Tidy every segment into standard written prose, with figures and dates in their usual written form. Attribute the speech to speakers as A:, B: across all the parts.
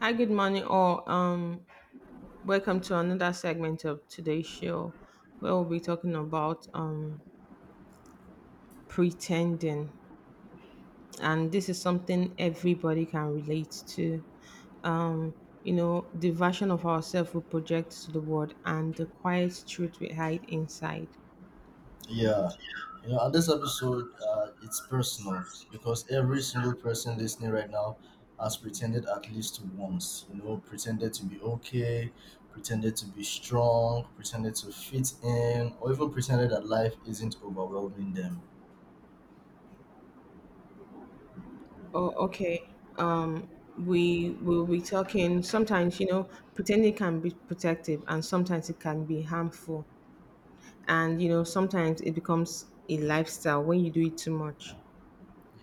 A: Hi, good morning, all. Welcome to another segment of today's show where we'll be talking about pretending, and this is something everybody can relate to. You know, the version of ourselves we project to the world and the quiet truth we hide inside.
B: Yeah, you know, on this episode, it's personal because every single person listening right now has pretended at least once. You know, pretended to be okay, pretended to be strong, pretended to fit in, or even pretended that life isn't overwhelming them.
A: Oh, okay. We will be talking sometimes, you know, pretending can be protective and sometimes it can be harmful. And, you know, sometimes it becomes a lifestyle when you do it too much.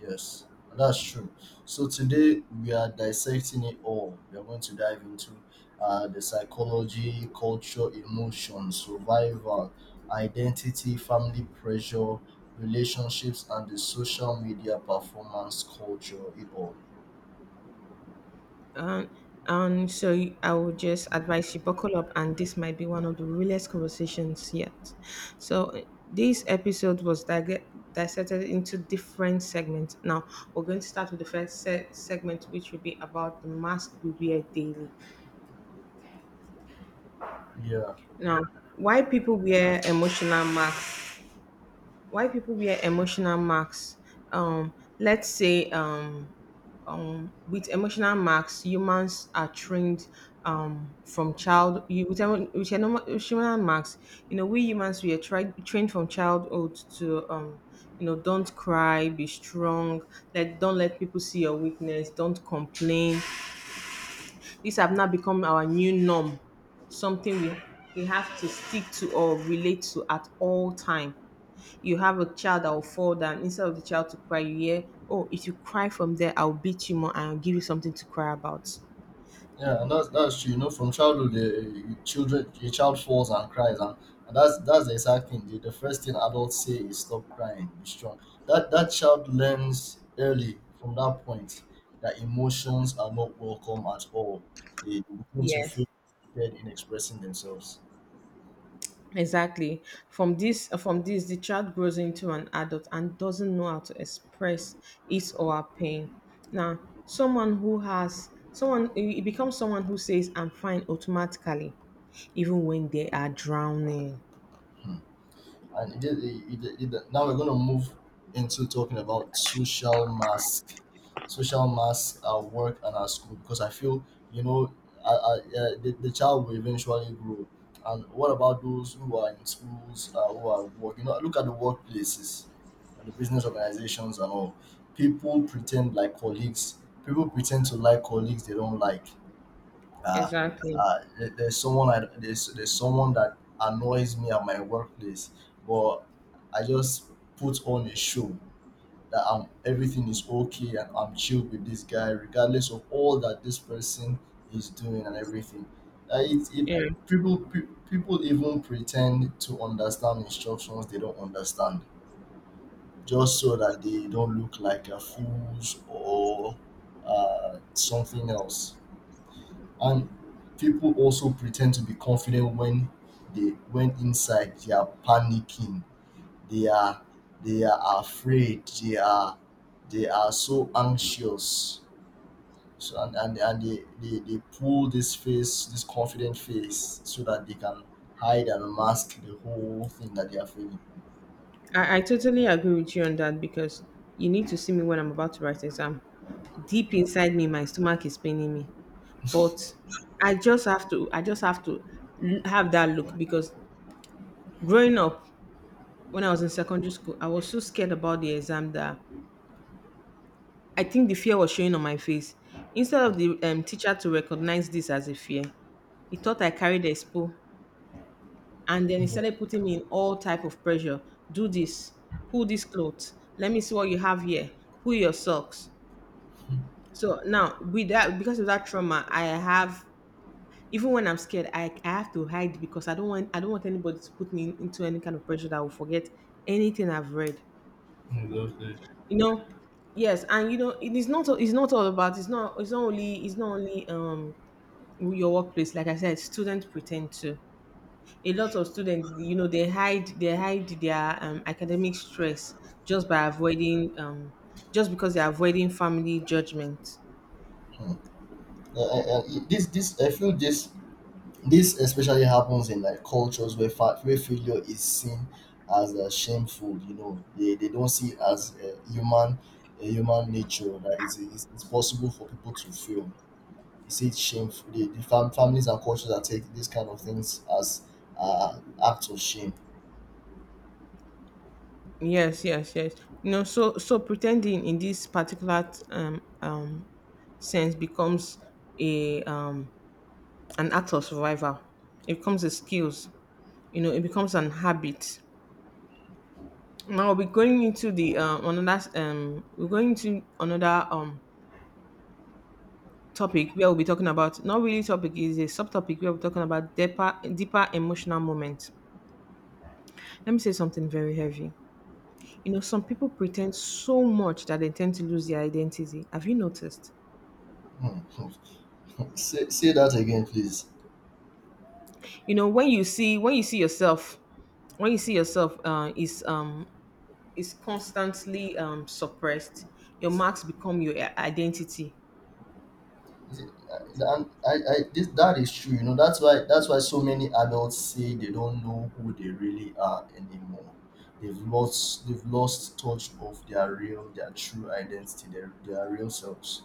B: Yes, that's true. So today we are dissecting it all. We are going to dive into the psychology, culture, emotion, survival, identity, family pressure, relationships, and the social media performance culture. It all.
A: Um, I would just advise you buckle up, and this might be one of the realest conversations yet. So uh, this dissected into different segments. Now we're going to start with the first segment, which will be about the mask we wear daily.
B: Yeah.
A: Now, why people wear emotional masks? Why people wear emotional masks? Um, let's say with emotional marks, humans are trained from child. With emotional marks, you know, we humans we are tried, trained from childhood to, you know, don't cry, be strong, let don't let people see your weakness, don't complain. These have now become our new norm, something we have to stick to or relate to at all time. You have a child that will fall down. Instead of the child to cry, you hear, oh, if you cry from there, I'll beat you more and I'll give you something to cry about.
B: Yeah, and that's true. You know, from childhood, the children, your child falls and cries, and that's the exact thing. The first thing adults say is stop crying, be strong. That child learns early from that point that emotions are not welcome at all. They begin to feel
A: Yes.
B: limited in expressing themselves.
A: Exactly. From this, the child grows into an adult and doesn't know how to express his or her pain. Now, someone who has someone, it becomes someone who says, "I'm fine" automatically, even when they are drowning.
B: And it, Now we're going to move into talking about social mask, social mask at work and at school because I feel, you know, the child will eventually grow, and what about those who are in schools, who are working? You know, look at the workplaces, at the business organizations and all, people pretend like colleagues, people pretend to like colleagues they don't like. uh,
A: Exactly.
B: there's someone that annoys me at my workplace, but I just put on a show that I'm everything is okay and I'm chilled with this guy, regardless of all that this person is doing and everything. It, it
A: Yeah,
B: People people even pretend to understand instructions they don't understand just so that they don't look like a fools or something else, and people also pretend to be confident when they when inside they are panicking, they are, they are afraid, they are, they are so anxious. So and they pull this face, this confident face, so that they can hide and mask the whole thing that they are feeling.
A: I totally agree with you on that because you need to see me when I'm about to write exam. Deep inside me, my stomach is paining me, but I just have to I just have to l- have that look because growing up when I was in secondary school I was so scared about the exam that I think the fear was showing on my face. Instead of the teacher to recognize this as a fear, he thought I carried expo, and then he started putting me in all type of pressure. Do this, pull this clothes, let me see what you have here, pull your socks. So now with that, because of that trauma I have, even when I'm scared, I have to hide because I don't want anybody to put me into any kind of pressure that I will forget anything I've read.
B: Mhm. Exactly.
A: You know, yes, and you know it is not it's not all about it's not only your workplace. Like I said, students pretend to. A lot of students, you know, they hide their academic stress just by avoiding just because they're avoiding family judgment.
B: Hmm. Uh, uh, uh, this this I feel this especially happens in like cultures where where failure is seen as shameful. You know, they don't see it as human nature, that it's possible for people to fail. You see, it's shameful. The families and cultures that take these kind of things as uh, acts of shame.
A: Yes, yes, yes. You know, so pretending in this particular sense becomes a an act of survival. It becomes a skills. You know, it becomes an habit. Now we're going into the another we're going into another topic where we'll be talking about, not really topic, is a subtopic where we're talking about deeper emotional moments. Let me say something very heavy. You know, some people pretend so much that they tend to lose their identity. Have you noticed?
B: Hmm. Say, say that again, please.
A: You know, when you see yourself is constantly suppressed, your marks become your identity.
B: And I this That is true. You know, that's why, that's why so many adults say they don't know who they really are anymore. They've lost touch of their true identity, their real selves.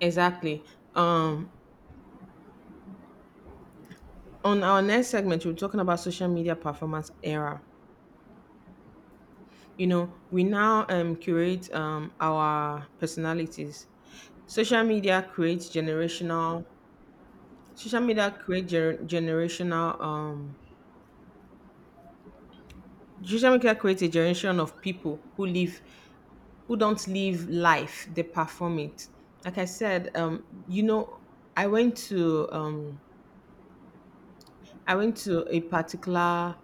A: Exactly. um on our next segment we're talking about social media performance era. You know, we now curate our personalities. Social media creates generational social media create gener- generational Social media creates a generation of people who don't live life, they perform it. Like I said, you know, I went to um, I went to a particular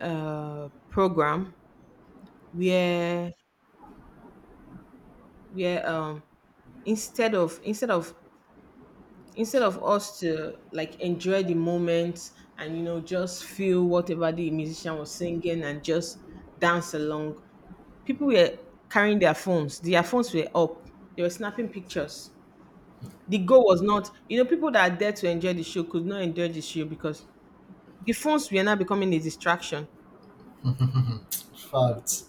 A: program where where um, instead of instead of instead of us to like enjoy the moment and, you know, just feel whatever the musician was singing and just dance along, people were carrying their phones. Their phones were up. They were snapping pictures. The goal was not, you know, people that are there to enjoy the show could not enjoy the show because the phones were now becoming a distraction.
B: Fact.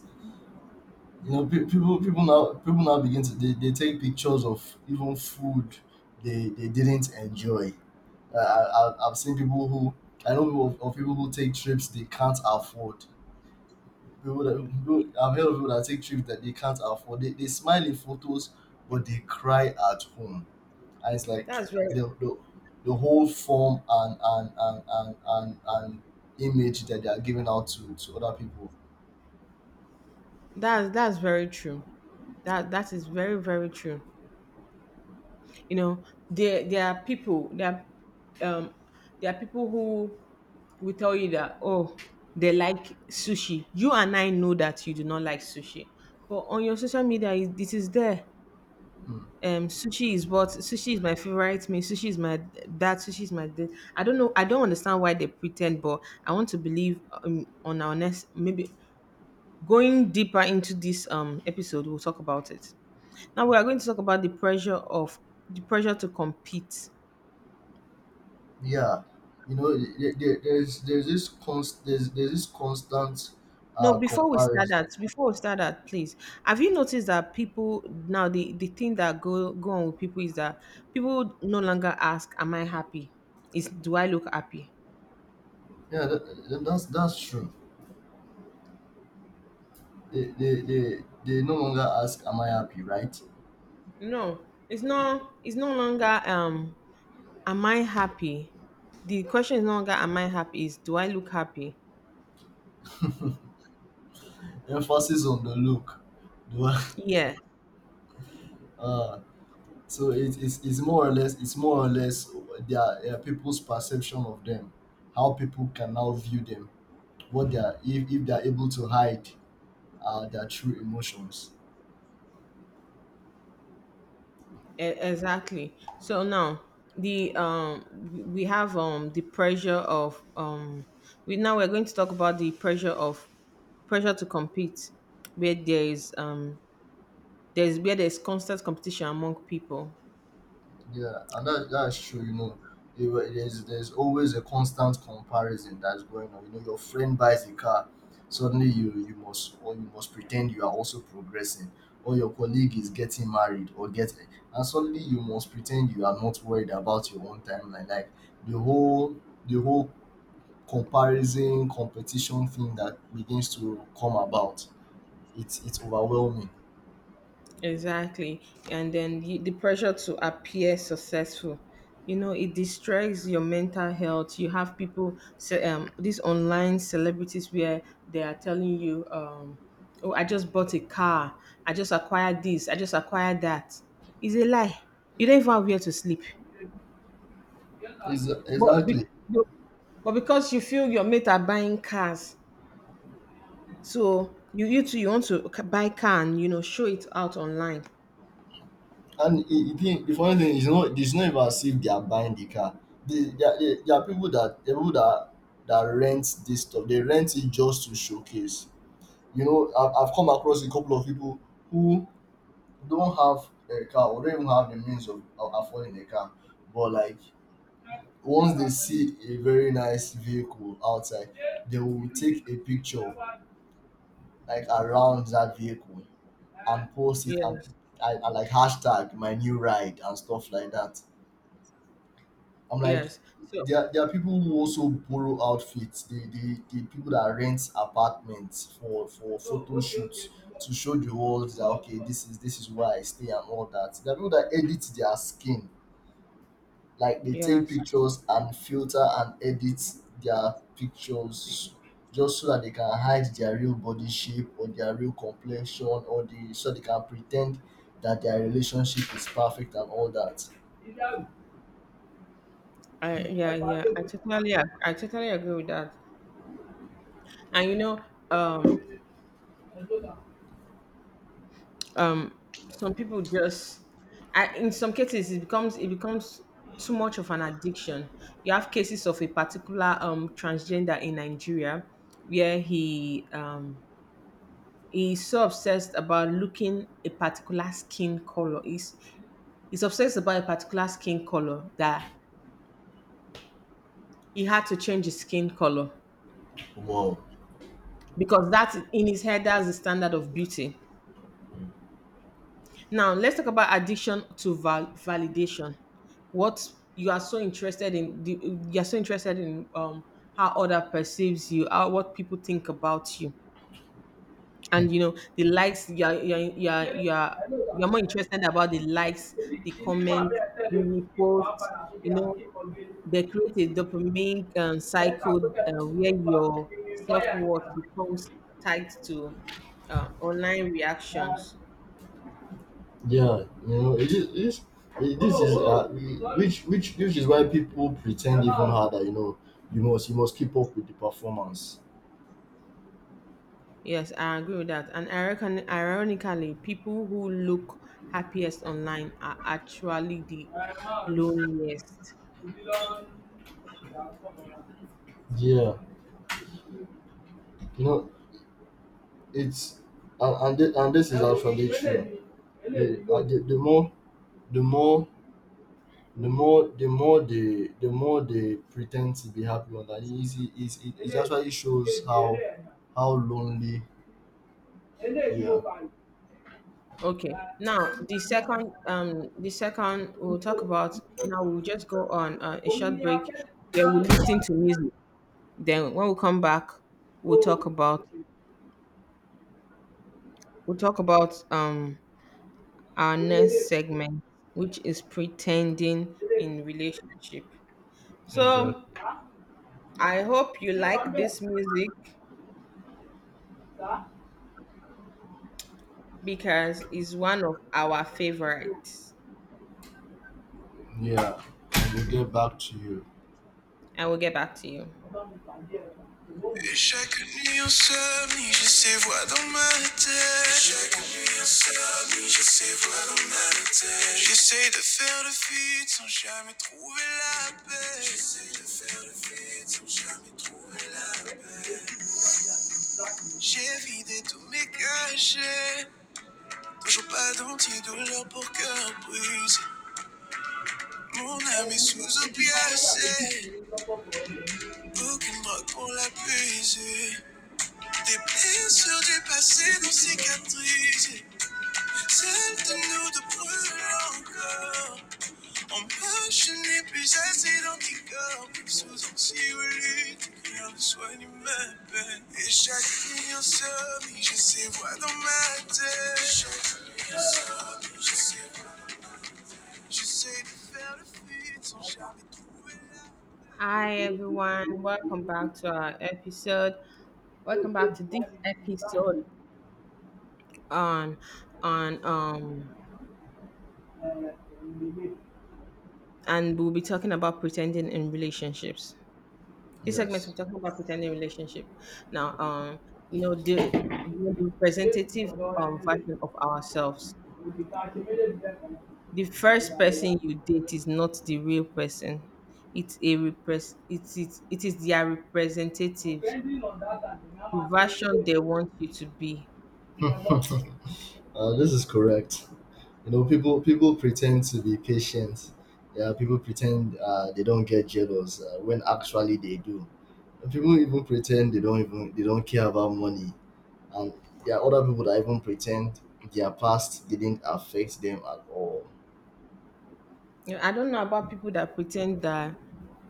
B: You know, people now begin to, they take pictures of even food they didn't enjoy. I've seen people who, I know of people who take trips they can't afford. I've heard of people that take trips that they can't afford. They smile in photos, but they cry at home. And it's like
A: That's very
B: the the, the whole form and image that they are giving out to other people.
A: that's very true. That that is very very true. You know, there there are people there are, um there are people who will tell you that, oh, they like sushi. You and I know that you do not like sushi, but on your social media it is there.
B: Mm.
A: Sushi is what, sushi is my favorite meal, sushi is my, that sushi is my. This. I don't know. I don't understand why they pretend, but I want to believe on our next, maybe going deeper into this episode, we'll talk about it. Now we are going to talk about the pressure to compete.
B: Yeah, you know, there's this const there's this constant
A: No,
B: comparison.
A: before we start that, please, have you noticed that people now, the thing that go on with people is that people no longer ask, "Am I happy?" Is, do I look happy?
B: Yeah, that's true. They, they, they, they no longer ask, "Am I happy?" Right?
A: No, it's not. It's no longer. Am I happy? The question is no longer, am I happy? Is, do I look happy?
B: Emphasis on the look. Do I-
A: Yeah,
B: uh, So it is it's more or less it's more or less their, people's perception of them, how people can now view them, what they are, if they are able to hide their true emotions.
A: exactly. So now the we have the pressure of we now we're going to talk about the pressure of, pressure to compete, where there's, where there's constant competition among people.
B: Yeah, and that's true. You know, there's always a constant comparison that's going on. You know, your friend buys a car, suddenly you must, or you must pretend you are also progressing, or your colleague is getting married or getting, and suddenly you must pretend you are not worried about your own timeline. Like the whole the whole comparison competition thing that begins to come about. It's overwhelming.
A: Exactly. And then you, the pressure to appear successful, you know, it distracts your mental health. You have people, these online celebrities where they are telling you, oh, I just bought a car. I just acquired this. I just acquired that. It's a lie. You don't even have where to sleep. But, be-
B: Exactly.
A: but but because you feel your mate are buying cars, so you too, you want to buy car and, you know, show it out online.
B: And the thing, the funny thing is, not it's not even as if they are buying the car. There are people that that rent this stuff. They rent it just to showcase. You know, I've come across a couple of people who don't have a car or don't even have the means of affording a car, but like once they see a very nice vehicle outside, they will take a picture like around that vehicle and post it, and,
A: Yes,
B: and like hashtag my new ride and stuff like that. I'm like,
A: yes. So
B: there are people who also borrow outfits. The the people that rent apartments for photo shoots to show the world that okay, this is, this is where I stay and all that. There are people that edit their skin, like they take
A: yes,
B: pictures and filter and edit their pictures just so that they can hide their real body shape or their real complexion, or the so they can pretend that their relationship is perfect and all that.
A: I, yeah, I totally agree with that. And you know, um, um, some people just, I, in some cases, it becomes too much of an addiction. You have cases of a particular transgender in Nigeria where he's so obsessed about looking a particular skin color. He's obsessed about a particular skin color that he had to change his skin color,
B: Wow.
A: because that, in his head, that's the standard of beauty. Now let's talk about addiction to validation. What you are so interested in, the, you are so interested in, how other perceives you, how, what people think about you, and, you know, the likes.
B: Yeah,
A: You are more interested about the likes, the comments, the reposts. You know, they create a dopamine cycle where your self worth becomes tied to online reactions.
B: you know, it is this is which which is why people pretend even harder. You know, you must keep up with the performance.
A: Yes, I agree with that. And ironically, people who look happiest online are actually the loneliest.
B: Yeah, you know, it's and this is actually true. The more the more the more they pretend to be happy, on that is it actually shows how lonely we
A: Okay. Now, the second we'll talk about. Now we'll just go on a short break where
B: are.
A: we listen to music. Then when we come back, we'll talk about we'll talk about our next segment, which is pretending in relationship.
B: Exactly.
A: So I hope you like this music, because it's one of our favorites.
B: Yeah, and we'll get back to you.
A: I will get back to you. Et chaque nuit insomnie, j'ai ces voix dans ma tête. Et chaque nuit insomnie, j'ai ces voix dans ma tête. J'essaie de faire le feat sans jamais trouver la paix. J'essaie de faire le feat sans jamais trouver la paix. J'ai vidé tous mes cachets, toujours pas d'antidouleur pour cœur brisé. Mon âme est sous opiacé, aucune drogue pour la puiser. Des blessures du passé non cicatrisées. Celles de nous de brûlent encore. Empêche n'est plus assez d'anticorps. Plus sous anxiolytique, rien ne soigne ma peine. Et chaque nuit insomnie, je sais voir dans ma tête. Et chaque nuit insomnie, je sais voir. J'essaie de faire le fuite sans jamais trouver la. Hi everyone, welcome back to our episode. Welcome back to this episode on on and we'll be talking about pretending in relationships. This segment we're
B: Yes.
A: talking about pretending relationship. Now You know, the representative version of ourselves. The first person you date is not the real person. It is their representatives, the version they want you to be.
B: This is correct. You know, people pretend to be patient. Yeah, people pretend they don't get jealous when actually they do. And people even pretend they don't, even they don't care about money, and there are other people that even pretend their past didn't affect them at all.
A: You know, I don't know about people that pretend that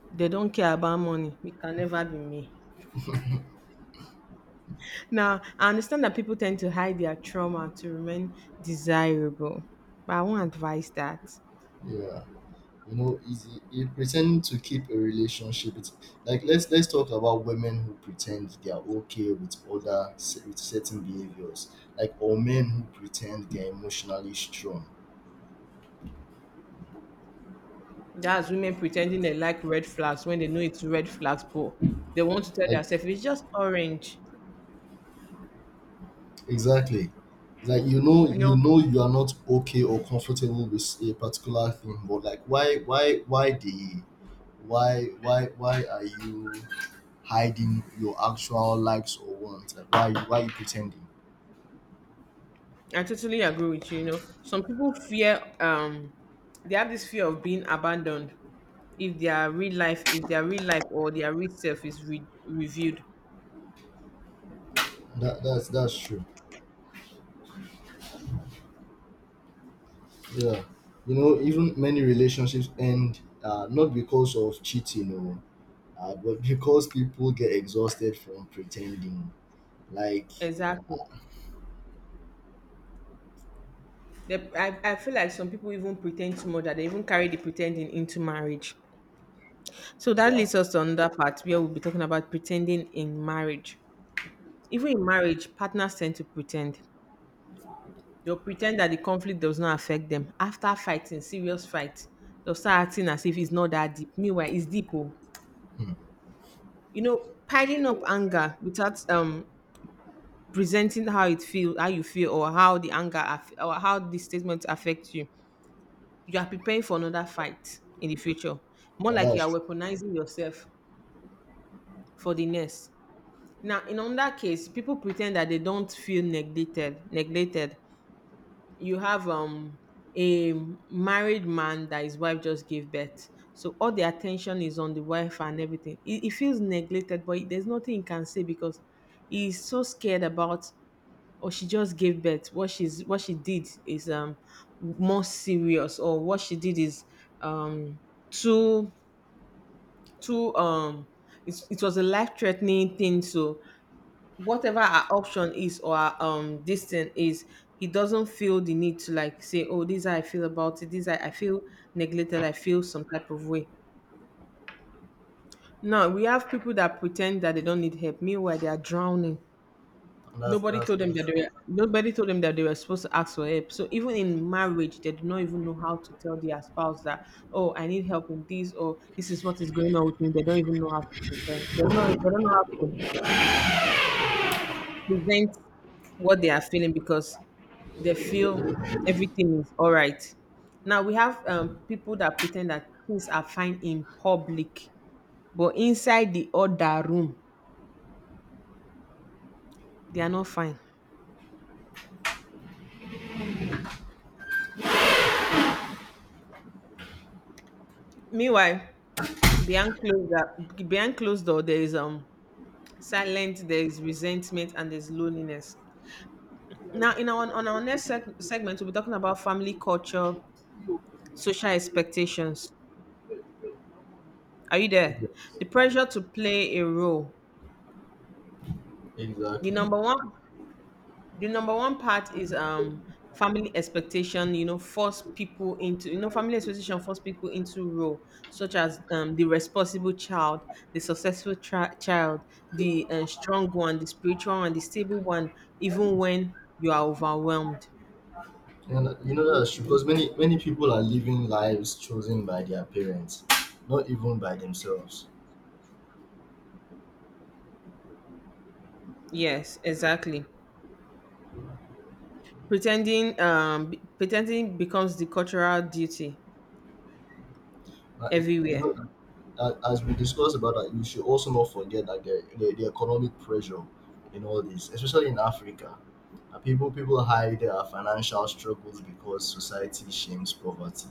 A: they don't care about money. It can never be me. Now, I understand that people tend to hide their trauma to remain desirable, but I won't advise that.
B: Yeah, you know, is you pretend to keep a relationship. It's like, let's talk about women who pretend they are okay with with certain behaviors, like, or men who pretend they are emotionally strong,
A: That's women pretending they like red flags when they know it's red flags, but they want to tell
B: like.
A: themselves it's just orange.
B: Exactly. Like, you know,
A: You
B: you
A: know,
B: know you are not okay or comfortable with a particular thing, but like why the why are you hiding your actual likes or wants? Like why are you pretending?
A: I totally agree with you. You know, some people fear, they have this fear of being abandoned if their real life or their real self is reviewed.
B: That's that's true. Yeah. You know, even many relationships end, not because of cheating or but because people get exhausted from pretending. Like
A: Exactly. I feel like some people even pretend too much that they even carry the pretending into marriage. So that
B: wow.
A: leads us to another part where we'll be talking about pretending in marriage. Even in marriage, partners tend to pretend. They'll pretend that the conflict does not affect them. After fighting, serious fight, they'll start acting as if it's not that deep. Meanwhile, it's deep. Oh.
B: Hmm.
A: You know, piling up anger without presenting how you feel, or how the or how the statement affects you. You are preparing for another fight in the future. More
B: And
A: like you
B: that's
A: are
B: true.
A: weaponizing yourself for the next. Now, in on that case, people pretend that they don't feel neglected. Neglected. You have a married man that his wife just gave birth, so all the attention is on the wife and everything. He feels neglected, but there's nothing he can say because he's so scared about. Or she just gave birth. What she's what she did is more serious, or what she did is um too too. It was a life threatening thing, so whatever our option is or our this thing is, he doesn't feel the need to like say, oh, this is how I feel about it. This is how I feel neglected. I feel some type of way. Now we have people that pretend that they don't need help, meanwhile they are drowning.
B: And that's that's that's true.
A: Nobody told them that they were supposed to ask for help, so even in marriage they do not even know how to tell their spouse that, oh, I need help in this, or this is what is going on with me. They don't even know how to pretend. They don't know how to present what they are feeling, because they feel everything is all right. Now we have people that pretend that things are fine in public, but inside the other room, they are not fine. Meanwhile, behind closed door, there is silence, there is resentment, and there's loneliness. Now, in our on our next segment, we'll be talking about family culture, social expectations. Are you there?
B: Yeah.
A: The pressure to play a role. The
B: Exactly.
A: number one the number one part is family expectation. You know, family expectation force people into role such as the responsible child, the child, the strong one, the spiritual one, the stable one, even
B: And
A: when you are overwhelmed.
B: you know that's true, because many many people are living lives chosen by their parents, not even by themselves.
A: Yes, exactly. Pretending, pretending becomes the cultural duty
B: Uh, you
A: everywhere.
B: know, as we discussed about that, you should also not forget that the economic pressure in all this, especially in Africa, people people hide their financial struggles because society shames poverty.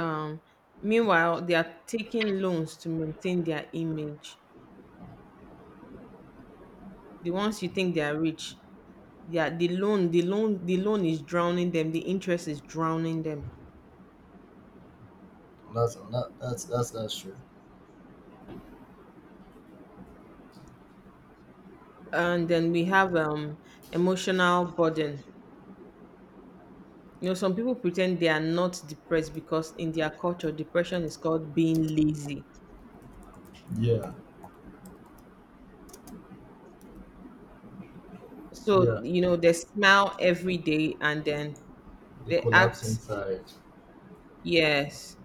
A: um meanwhile, they are taking loans to maintain their image. The ones you think they are rich, yeah. The loan, the loan is drowning them. The interest is drowning them.
B: That's that's true.
A: And then we have emotional burden. You know, some people pretend they are not depressed because in their culture depression is called being lazy.
B: Yeah,
A: So
B: yeah.
A: you know, they smile every day, and then
B: They
A: they
B: collapse
A: act.
B: inside.
A: Yes.